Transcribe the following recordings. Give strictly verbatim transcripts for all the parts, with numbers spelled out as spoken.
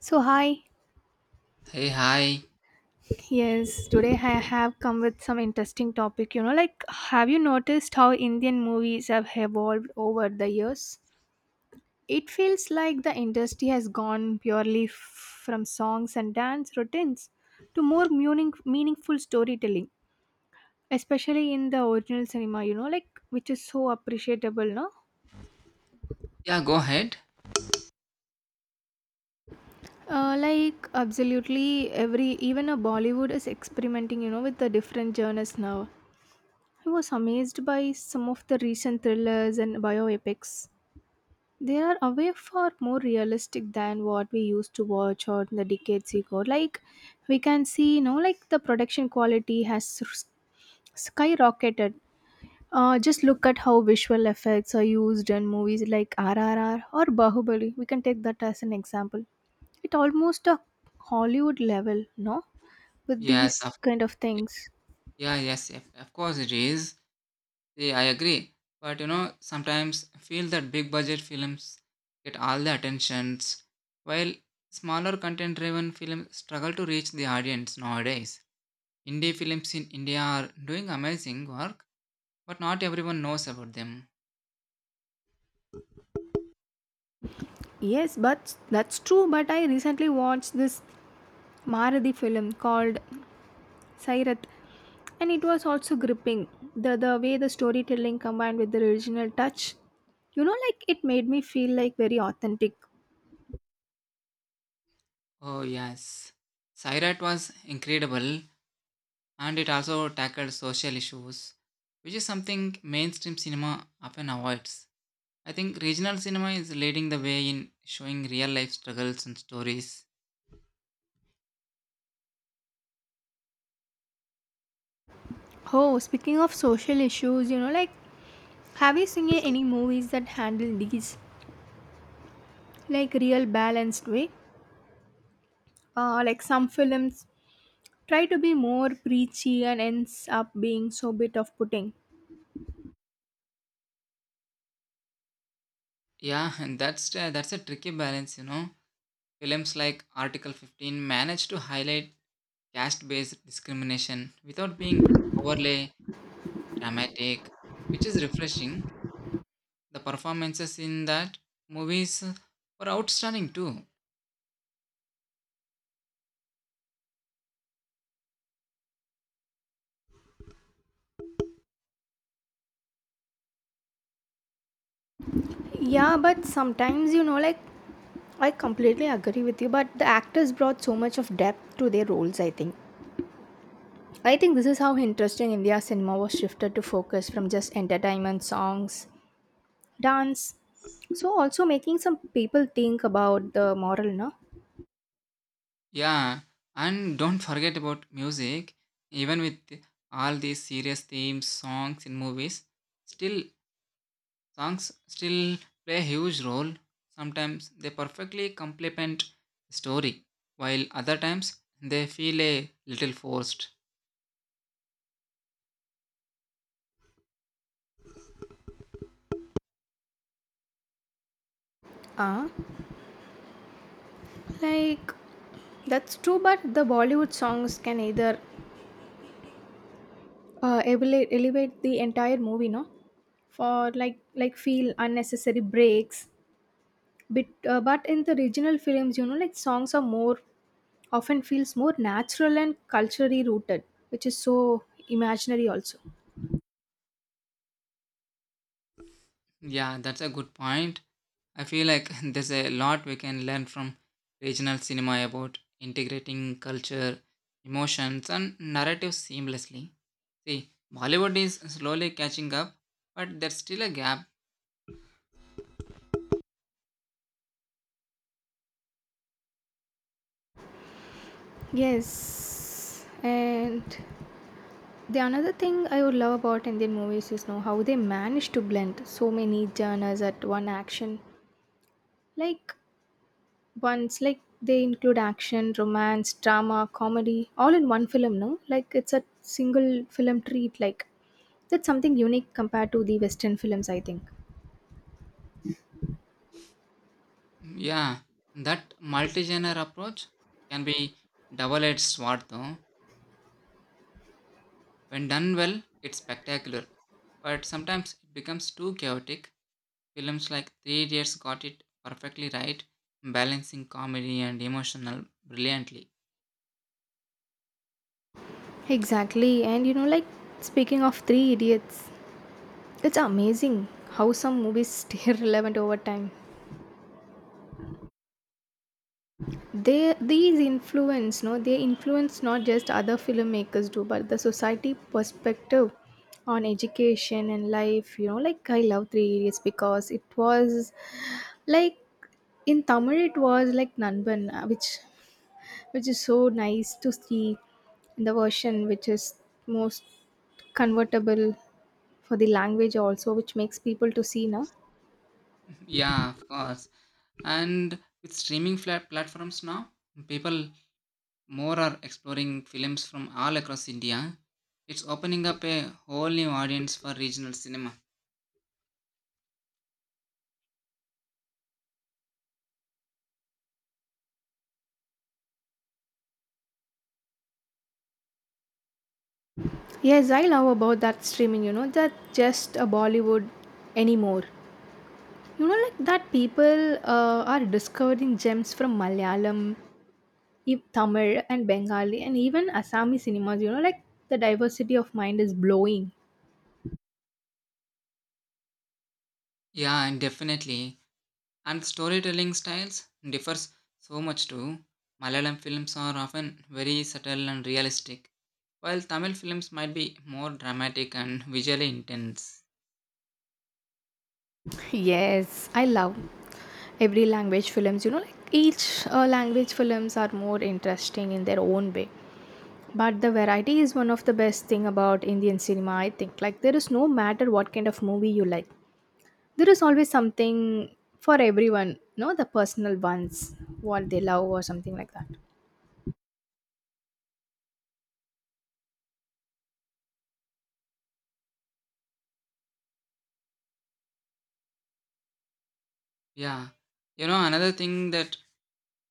So hi, Hey, hi. yes, today I have come with some interesting topic. You know, like have you noticed how Indian movies have evolved over the years? It feels like the industry has gone purely f- from songs and dance routines to more meaning, meaningful storytelling, especially in the original cinema. You know, like which is so appreciable, no? Yeah, go ahead. Uh, like absolutely every even a Bollywood is experimenting, you know, with the different genres now. I was amazed by some of the recent thrillers and bioepics. They are away far more realistic than what we used to watch or the decades ago. Like we can see, you know, like the production quality has s- skyrocketed. Uh, just look at how visual effects are used in movies like R R R or Bahubali. We can take that as an example. It almost a Hollywood level, no? With Yes, these of, kind of things. yeah, yes, of, of course it is. Yeah, I agree. But you know, sometimes I feel that big budget films get all the attentions, while smaller content-driven films struggle to reach the audience nowadays. Indie films in India are doing amazing work, but not everyone knows about them. Yes, but that's true. But I recently watched this Marathi film called Sairath, and it was also gripping. The the way the storytelling combined with the original touch, you know, like it made me feel like very authentic. Oh yes, Sairat was incredible, and it also tackled social issues, which is something mainstream cinema often avoids. I think regional cinema is leading the way in showing real life struggles and stories. Oh, speaking of social issues, you know, like have you seen any movies that handle these like real balanced way? Uh, like some films try to be more preachy and ends up being so bit of putting. Yeah, and that's uh, that's a tricky balance, you know. Films like Article fifteen manage to highlight caste-based discrimination without being overly dramatic, which is refreshing. The performances in that movies were outstanding too. Yeah, but sometimes you know, like I completely agree with you, but the actors brought so much of depth to their roles, I think. I think this is how interesting India cinema was shifted to focus from just entertainment, songs, dance. So, also making some people think about the moral, no? Yeah, and don't forget about music. Even with all these serious themes, songs in movies, still Songs still play a huge role. Sometimes they perfectly complement the story, while other times they feel a little forced. Ah, like that's true, but the Bollywood songs can either uh, elevate, elevate the entire movie, no? For like like feel unnecessary breaks but uh, but in the regional films you know like songs are more often feels more natural and culturally rooted, which is so imaginary also. Yeah, that's a good point. I feel like there's a lot we can learn from regional cinema about integrating culture, emotions, and narrative seamlessly. See, Bollywood is slowly catching up, but there's still a gap. Yes, and the another thing I would love about Indian movies is know how they manage to blend so many genres at one action. Like once, like they include action, romance, drama, comedy, all in one film. No, like it's a single film treat. Like that's something unique compared to the Western films, I think. Yeah, that multi genre approach can be double edged sword though. When done well, it's spectacular, but sometimes it becomes too chaotic. Films like Three Idiots got it perfectly right, balancing comedy and emotional brilliantly. Exactly, and you know, like speaking of Three Idiots, it's amazing how some movies stay relevant over time. They these influence, no, they influence not just other filmmakers do, but the society perspective on education and life. You know, like I love Three Idiots because it was like in Tamil it was like Nanban, uh, which which is so nice to see in the version which is most convertible for the language also, which makes people to see now. Yeah, of course. And with streaming flat platforms now, people more are exploring films from all across India. It's opening up a whole new audience for regional cinema. Yes, I love about that streaming, you know, that just a Bollywood anymore. You know, like that people uh, are discovering gems from Malayalam, e- Tamil, and Bengali, and even Assami cinemas, you know, like the diversity of mind is blowing. Yeah, and definitely And storytelling styles differs so much too. Malayalam films are often very subtle and realistic, while Tamil films might be more dramatic and visually intense. Yes, I love. Every language films, you know, like each uh, language films are more interesting in their own way. But the variety is one of the best thing about Indian cinema, I think. Like, there is no matter what kind of movie you like. There is always something for everyone, no, the personal ones what they love or something like that. Yeah. You know, another thing that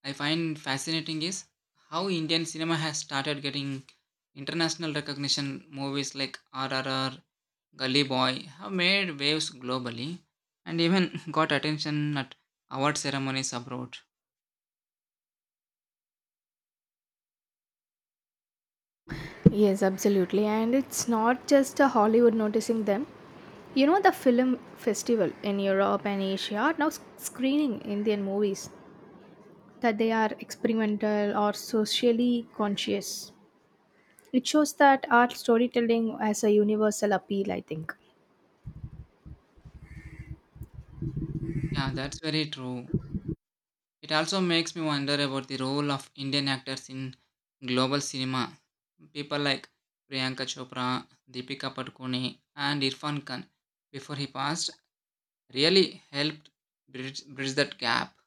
I find fascinating is how Indian cinema has started getting international recognition. Movies like R R R, Gully Boy have made waves globally and even got attention at award ceremonies abroad. Yes, absolutely, and it's not just a Hollywood noticing them. You know, the film festival in Europe and Asia are now sc- screening Indian movies that they are experimental or socially conscious. It shows that art storytelling has a universal appeal, I think. Yeah, that's very true. It also makes me wonder about the role of Indian actors in global cinema. People like Priyanka Chopra, Deepika Padukone, and Irfan Khan, before he passed, really helped bridge, bridge that gap.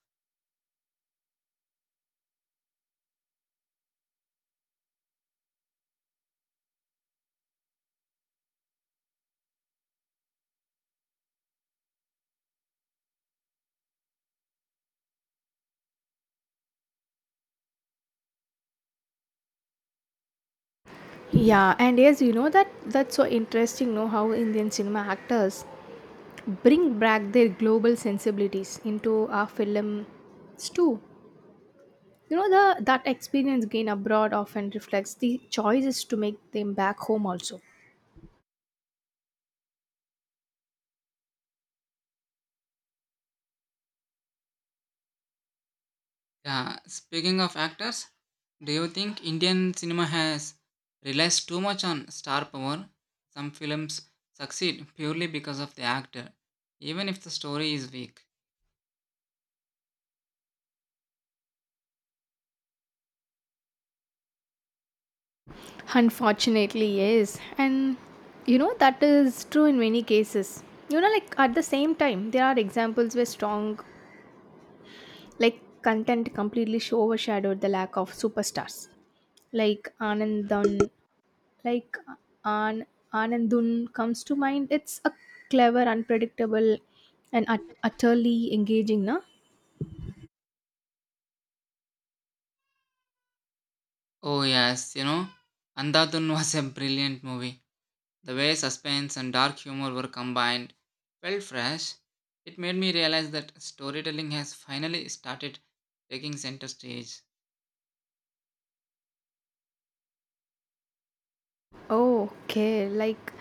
Yeah, and yes, you know that that's so interesting know how Indian cinema actors bring back their global sensibilities into our films too. You know the that experience gained abroad often reflects the choices to make them back home also. Yeah, speaking of actors, do you think Indian cinema has relies too much on star power? Some films succeed purely because of the actor, even if the story is weak. Unfortunately, yes, and you know that is true in many cases. You know, like at the same time, there are examples where strong, like content completely sh- overshadowed the lack of superstars, like Anand Dhan, like An- Anandun comes to mind. It's a clever, unpredictable, and ut- utterly engaging, na? Oh yes, you know, Andhadhun was a brilliant movie. The way suspense and dark humor were combined felt fresh. It made me realize that storytelling has finally started taking center stage. Oh, okay. Like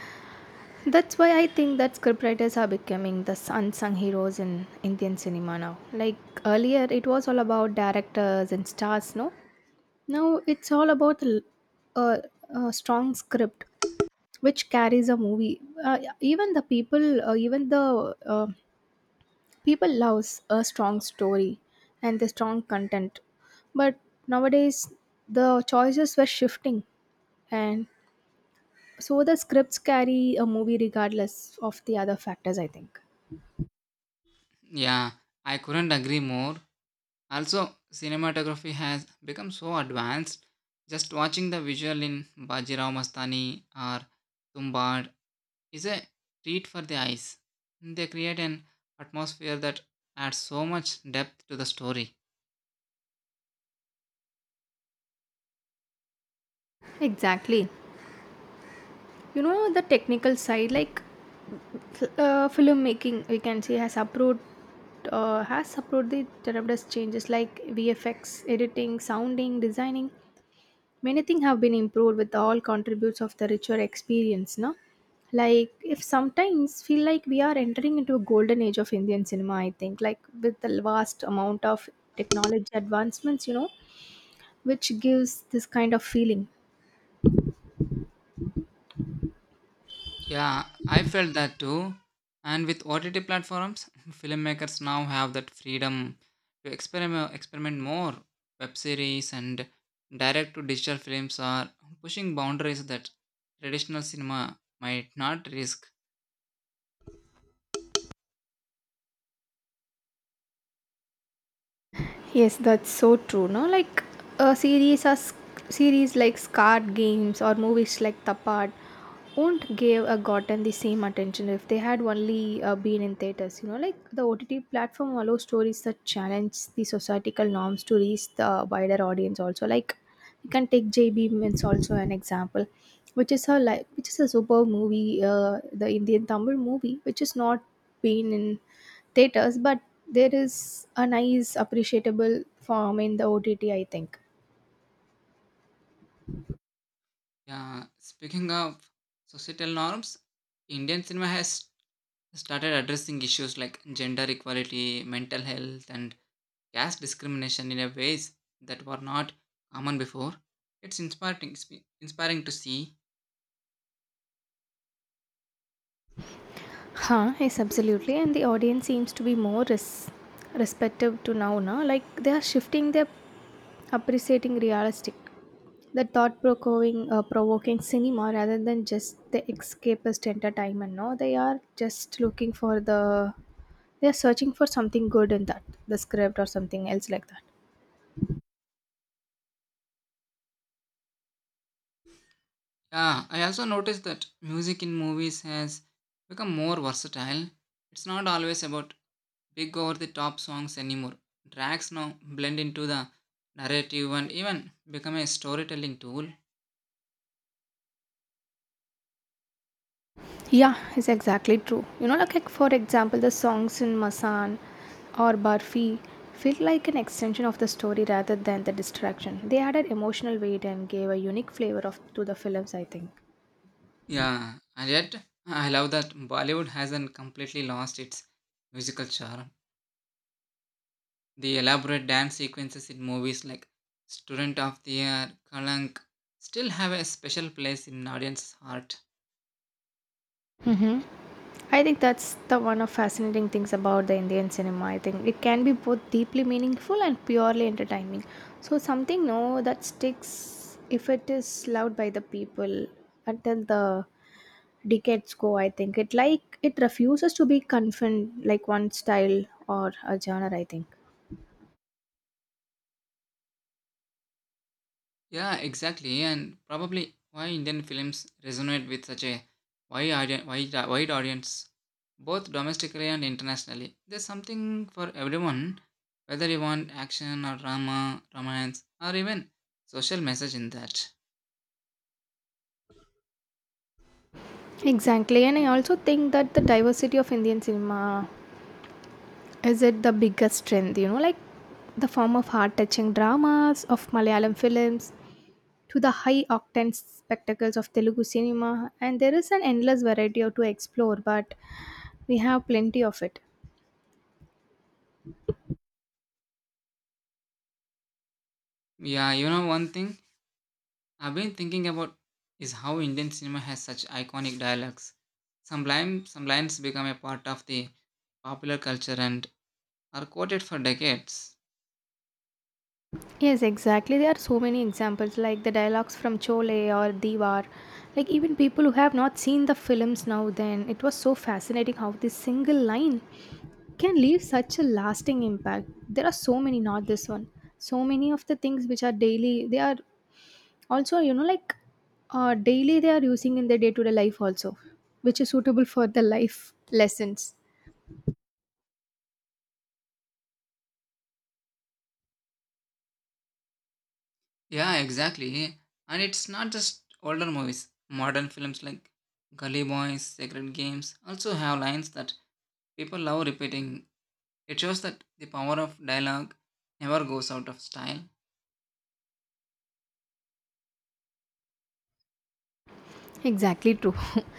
that's why I think that scriptwriters are becoming the unsung heroes in Indian cinema now. Like earlier, it was all about directors and stars, no? Now it's all about a, a, a strong script which carries a movie. Uh, even the people, uh, even the uh, People loves a strong story and the strong content. But nowadays the choices were shifting and so the scripts carry a movie regardless of the other factors I think. Yeah, I couldn't agree more. Also, cinematography has become so advanced. Just watching the visual in Bajirao Mastani or Tumbad is a treat for the eyes. They create an atmosphere that adds so much depth to the story. Exactly. You know the technical side like uh, filmmaking we can say has approved uh, has approved the tremendous changes like V F X, editing, sounding, designing. Many things have been improved with all contributes of the richer experience, no? Like if sometimes feel like we are entering into a golden age of Indian cinema, I think, like with the vast amount of technology advancements, you know, which gives this kind of feeling. Yeah, I felt that too. And with O T T platforms, filmmakers now have that freedom to experiment, experiment more. Web series and direct to digital films are pushing boundaries that traditional cinema might not risk. Yes, that's so true. No, like a series as series like card games or movies like Tapad won't give a gotten the same attention if they had only uh, been in theaters. You know, like the O T T platform allows stories that challenge the societal norms to reach the wider audience. Also, like you can take JB Means also an example, which is her like which is a superb movie, uh, the Indian Tamil movie, which is not been in theaters, but there is a nice appreciable form in the O T T, I think. Yeah, speaking of societal norms, Indian cinema has started addressing issues like gender equality, mental health, and caste discrimination in a ways that were not common before. It's inspiring, inspiring to see. Huh, yes, absolutely. And the audience seems to be more res- respective to now, na? Like they are shifting their appreciating realistic, the thought provoking, uh, provoking cinema rather than just the escapist entertainment. No, they are just looking for the, they are searching for something good in that, the script or something else like that. Yeah, I also noticed that music in movies has become more versatile. It's not always about big over the top songs anymore. Tracks now blend into the narrative and even become a storytelling tool. Yeah, it's exactly true. You know, like, like for example, the songs in Masan or Barfi feel like an extension of the story rather than the distraction. They added emotional weight and gave a unique flavor of to the films. I think. Yeah, and yet I love that Bollywood hasn't completely lost its musical charm. The elaborate dance sequences in movies like Student of the Year, Kalank still have a special place in an audience's heart. I think that's the one of fascinating things about the Indian cinema. I think it can be both deeply meaningful and purely entertaining. So something no that sticks if it is loved by the people until the decades go, I think. It like it refuses to be confined like one style or a genre, I think. Yeah, exactly, and probably why Indian films resonate with such a wide, audi- wide, wide audience, both domestically and internationally. There's something for everyone, whether you want action or drama, romance, or even social message in that. Exactly, and I also think that the diversity of Indian cinema is it the biggest strength, you know, like the form of heart touching dramas of Malayalam films to the high octane spectacles of Telugu cinema, and there is an endless variety to explore, but we have plenty of it. Yeah, you know one thing? I've been thinking about is how Indian cinema has such iconic dialogues. Some, line, some lines become a part of the popular culture and are quoted for decades. Yes, exactly. There are so many examples like the dialogues from Chole or Diwar. Like even people who have not seen the films now then, it was so fascinating how this single line can leave such a lasting impact. There are so many, not this one. So many of the things which are daily, they are also, you know, like uh, daily they are using in their day-to-day life also, which is suitable for the life lessons. Yeah, exactly. And it's not just older movies. Modern films like Gully Boys, Sacred Games also have lines that people love repeating. It shows that the power of dialogue never goes out of style. Exactly true.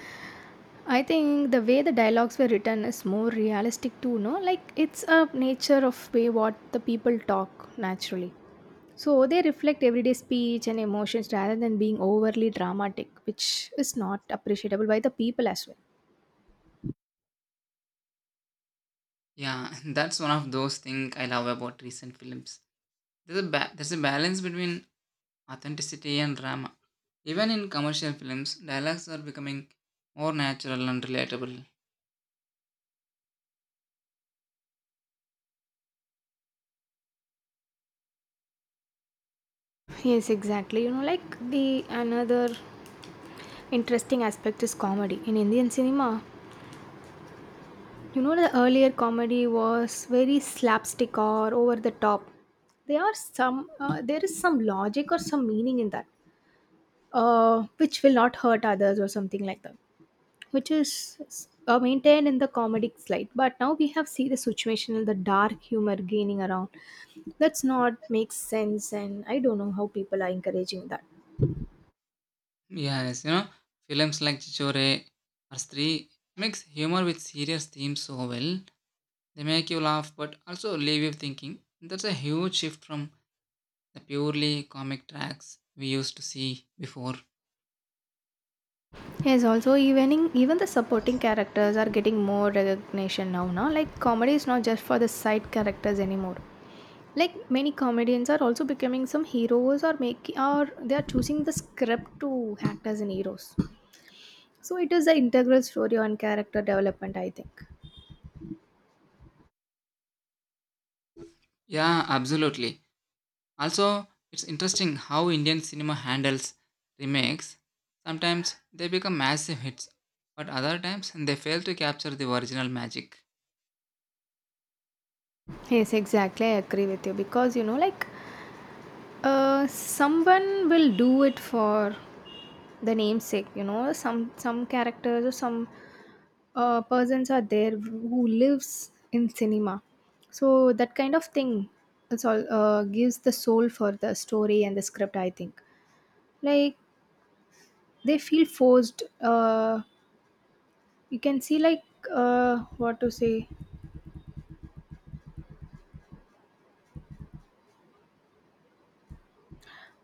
I think the way the dialogues were written is more realistic too, no? Like it's a nature of way what the people talk naturally. So they reflect everyday speech and emotions rather than being overly dramatic, which is not appreciable by the people as well. Yeah, that's one of those things I love about recent films. There's a ba- there's a balance between authenticity, and drama. Even in commercial films, dialogues are becoming more natural and relatable. Yes, exactly. You know, like the another interesting aspect is comedy. In Indian cinema, you know, the earlier comedy was very slapstick or over the top. There are some, uh, there is some logic or some meaning in that. uh, which will not hurt others or something like that, which is uh, maintained in the comedic slide. But now we have see the situational, the dark humor gaining around. That's not makes sense, and I don't know how people are encouraging that. Yes, you know, films like Chichore or Stree mix humor with serious themes so well. They make you laugh but also leave you thinking. That's a huge shift from the purely comic tracks we used to see before. Yes, also even in, even the supporting characters are getting more recognition now. Now, like comedy is not just for the side characters anymore. Like many comedians are also becoming some heroes or making or they are choosing the script to act as an heroes. So it is an integral story on character development, I think. Yeah, absolutely. Also, it's interesting how Indian cinema handles remakes. Sometimes they become massive hits, but other times they fail to capture the original magic. Yes, exactly. I agree with you because you know, like, uh, someone will do it for the namesake. You know, some some characters or some uh, persons are there who lives in cinema, so that kind of thing. It's all uh, gives the soul for the story and the script. I think like they feel forced. Uh, you can see like uh, what to say.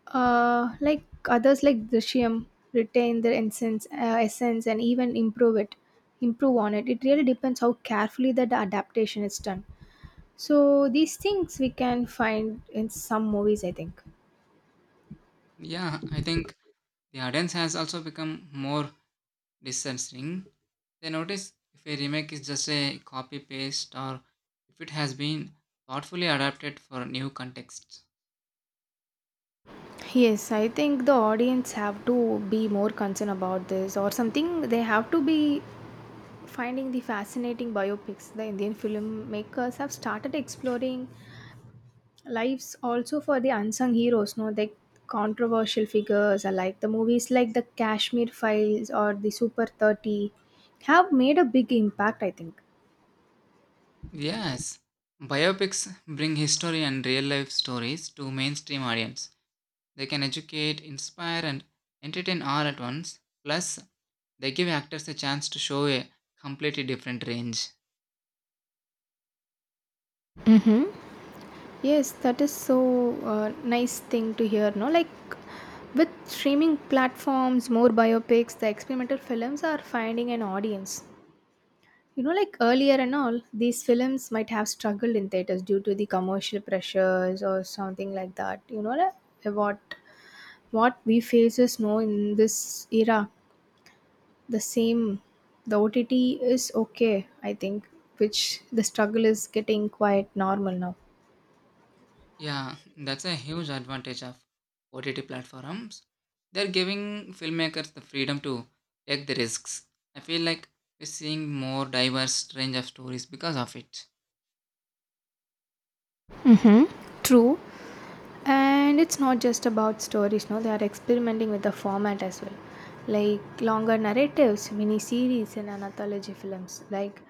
Uh, like others like Drishyam retain their essence, uh, essence and even improve it, improve on it. It really depends how carefully that adaptation is done. So these things we can find in some movies, I think. Yeah, I think the audience has also become more discerning. They notice if a remake is just a copy paste or if it has been thoughtfully adapted for new contexts. Yes, I think the audience have to be more concerned about this or something. They have to be finding the fascinating biopics. The Indian filmmakers have started exploring lives also for the unsung heroes, no, the controversial figures alike. The movies like The Kashmir Files or the Super thirty have made a big impact, I think. Yes, biopics bring history and real life stories to mainstream audience. They can educate, inspire, and entertain all at once. Plus, they give actors a chance to show a completely different range. Yes, that is so uh, nice thing to hear, no, like with streaming platforms more biopics, the experimental films are finding an audience, you know, like earlier and all these films might have struggled in theaters due to the commercial pressures or something like that, you know, like what what we faces now in this era, the same. The OTT is okay, I think, which the struggle is getting quite normal now. Yeah, that's a huge advantage of O T T platforms. They're giving filmmakers the freedom to take the risks. I feel like we're seeing more diverse range of stories because of it. Mm-hmm. True, and it's not just about stories, no, they are experimenting with the format as well. Like longer narratives, mini series and anthology films. Like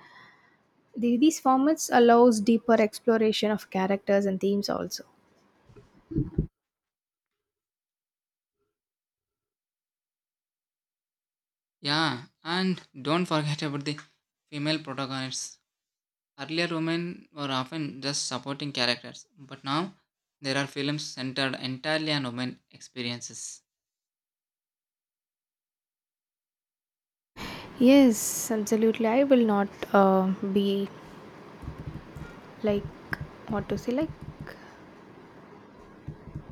the, these formats allows deeper exploration of characters and themes also. Yeah, and don't forget about the female protagonists. Earlier, women were often just supporting characters, but now there are films centered entirely on women experiences. Yes, absolutely. I will not uh, be like what to say, like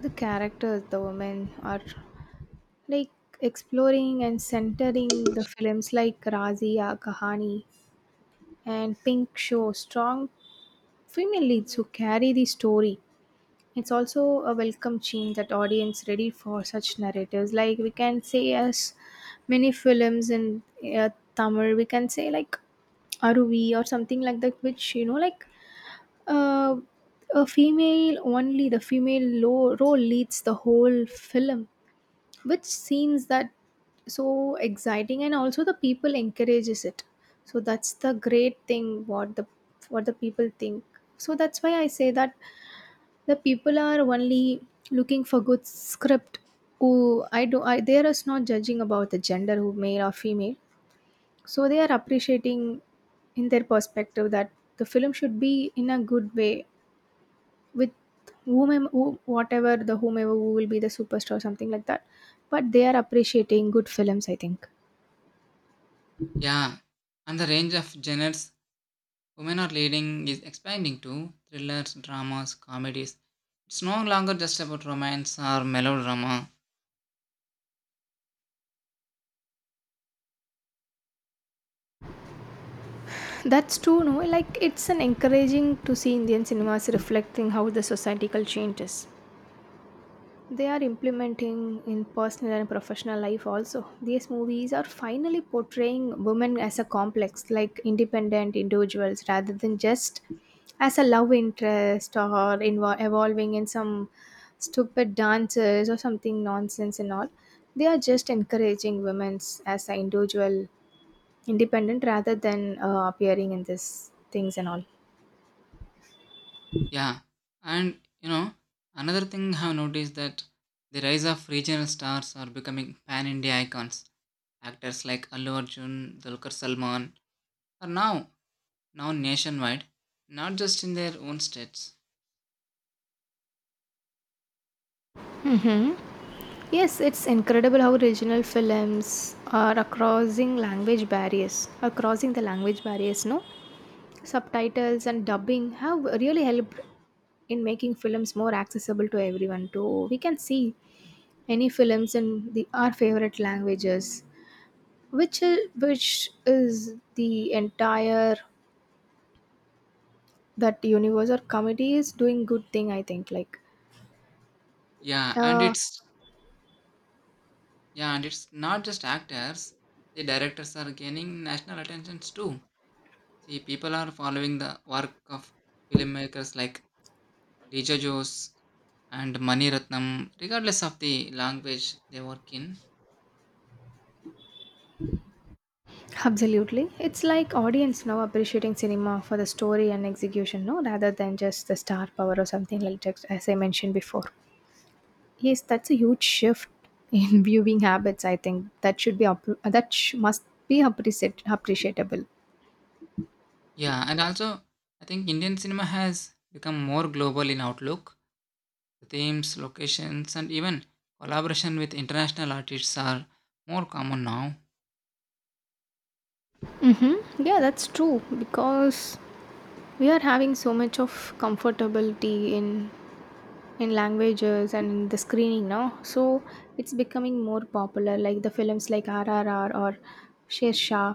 the characters, the women are like exploring and centering the films like Razia, Kahani and Pink show strong female leads who carry the story. It's also a welcome change that audience ready for such narratives. Like we can say as many films in uh, Tamil, we can say like Aruvi or something like that, which you know like Uh, a female only the female lo- role leads the whole film, which seems that so exciting, and also the people encourages it. So that's the great thing what the what the people think. So that's why I say that the people are only looking for good script. Who I do I they are not judging about the gender who male or female. So they are appreciating in their perspective that the film should be in a good way with whomever who, whatever the whomever who will be the superstar or something like that, but they are appreciating good films, I think. Yeah, and the range of genres women are leading is expanding to thrillers, dramas, comedies. It's no longer just about romance or melodrama. That's true, no, like it's an encouraging to see Indian cinemas reflecting how the societal change is, they are implementing in personal and professional life also. These movies are finally portraying women as a complex, like independent individuals, rather than just as a love interest or invo- evolving in some stupid dances or something nonsense and all. They are just encouraging women as an individual, independent, rather than uh, appearing in this things and all. Yeah, and you know, another thing I've noticed that the rise of regional stars are becoming pan India icons. Actors like Allu Arjun, Dulquer Salman are now now nationwide, not just in their own states. Yes, it's incredible how regional films are crossing language barriers, are crossing the language barriers, no? Subtitles and dubbing have really helped in making films more accessible to everyone too. We can see any films in the our favorite languages, which is, which is the entire, that universe or comedy is doing good thing. I think like Yeah, and uh, it's yeah, and it's not just actors. The directors are gaining national attention too. See, people are following the work of filmmakers like Lija Jose and Mani Ratnam, regardless of the language they work in. absolutely. It's like audience now appreciating cinema for the story and execution, no, rather than just the star power or something like that, as I mentioned before. Yes, that's a huge shift in viewing habits. I think that should be up- that sh- must be appreciate- appreciable. Yeah, and also I think Indian cinema has become more global in outlook. The themes, locations, and even collaboration with international artists are more common now. Mm-hmm. Yeah, that's true because we are having so much of comfortability in in languages and in the screening now. So it's becoming more popular, like the films like R R R or Sher Shah,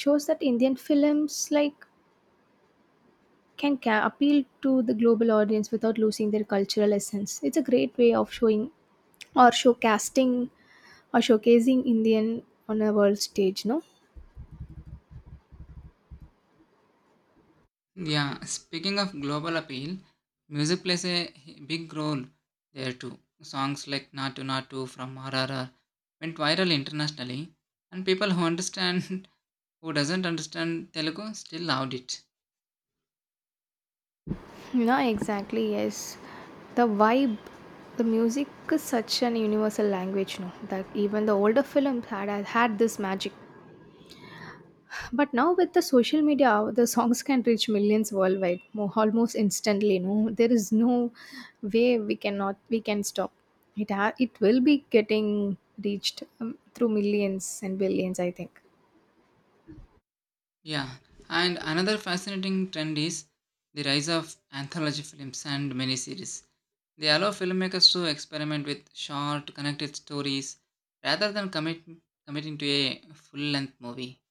shows that Indian films like can ca- appeal to the global audience without losing their cultural essence. It's a great way of showing or showcasting or showcasing Indian on a world stage, no? Yeah, speaking of global appeal, music plays a h- big role there too. Songs like Natu Natu from R R R went viral internationally, and people who understand, who doesn't understand Telugu still loved it. No, exactly, yes. The vibe, the music is such an universal language, no? That even the older films had had this magic. But now with the social media, the songs can reach millions worldwide mo- almost instantly. No, there is no way we cannot we can stop. It ha- it will be getting reached um, through millions and billions, I think. Yeah, and another fascinating trend is the rise of anthology films and miniseries. They allow filmmakers to experiment with short, connected stories rather than commit, committing to a full length movie.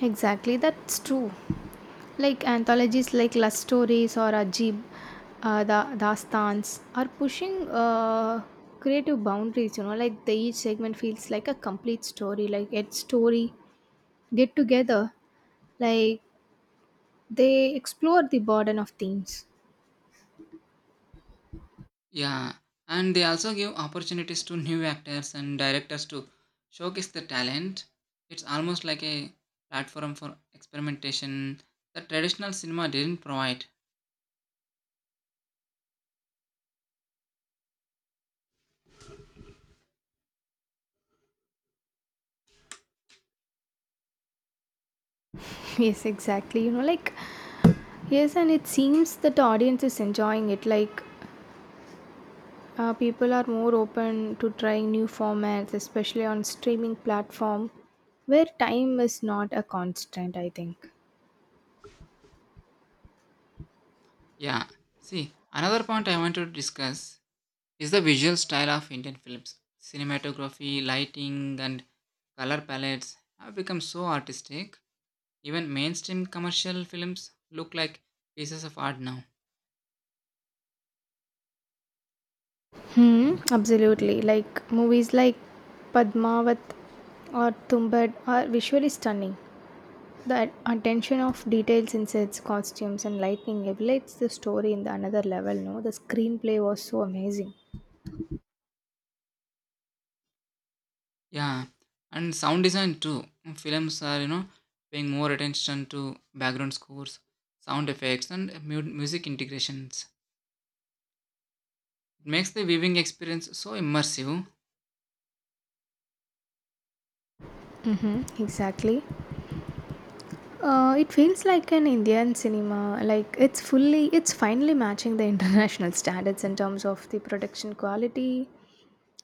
Exactly, that's true. Like anthologies like Love Stories or Ajib, uh, the Dastans are pushing uh, creative boundaries. You know, like the, each segment feels like a complete story. Like it's story get together like they explore the burden of themes. Yeah, and they also give opportunities to new actors and directors to showcase their talent. It's almost like a platform for experimentation that traditional cinema didn't provide. Yes, exactly. You know, like, yes, and it seems that the audience is enjoying it. Like, uh, people are more open to trying new formats, especially on streaming platform where time is not a constant, I think. Yeah, see, another point I want to discuss is the visual style of Indian films. Cinematography, lighting, and color palettes have become so artistic. Even mainstream commercial films look like pieces of art now. Hmm, absolutely. Like, movies like Padmavat or Tumbad are visually stunning. The attention of details in sets, costumes, and lighting elevates the story in the another level. No, the screenplay was so amazing. Yeah, and sound design too. Films are, you know, paying more attention to background scores, sound effects, and mu- music integrations. It makes the viewing experience so immersive. Mm-hmm, exactly. Uh, it feels like an Indian cinema. Like it's fully, it's finally matching the international standards in terms of the production quality.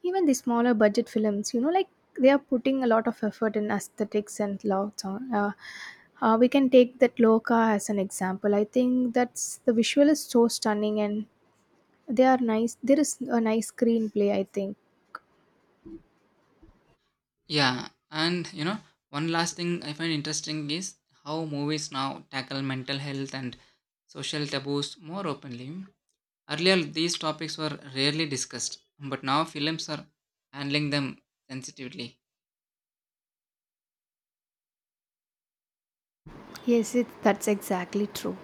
Even the smaller budget films, you know, like they are putting a lot of effort in aesthetics and lots on. Uh, uh, we can take that Loka as an example. I think that's the visual is so stunning and they are nice. There is a nice screenplay, I think. Yeah, and you know, one last thing I find interesting is how movies now tackle mental health and social taboos more openly. Earlier, these topics were rarely discussed, but now films are handling them sensitively. Yes, it, that's exactly true.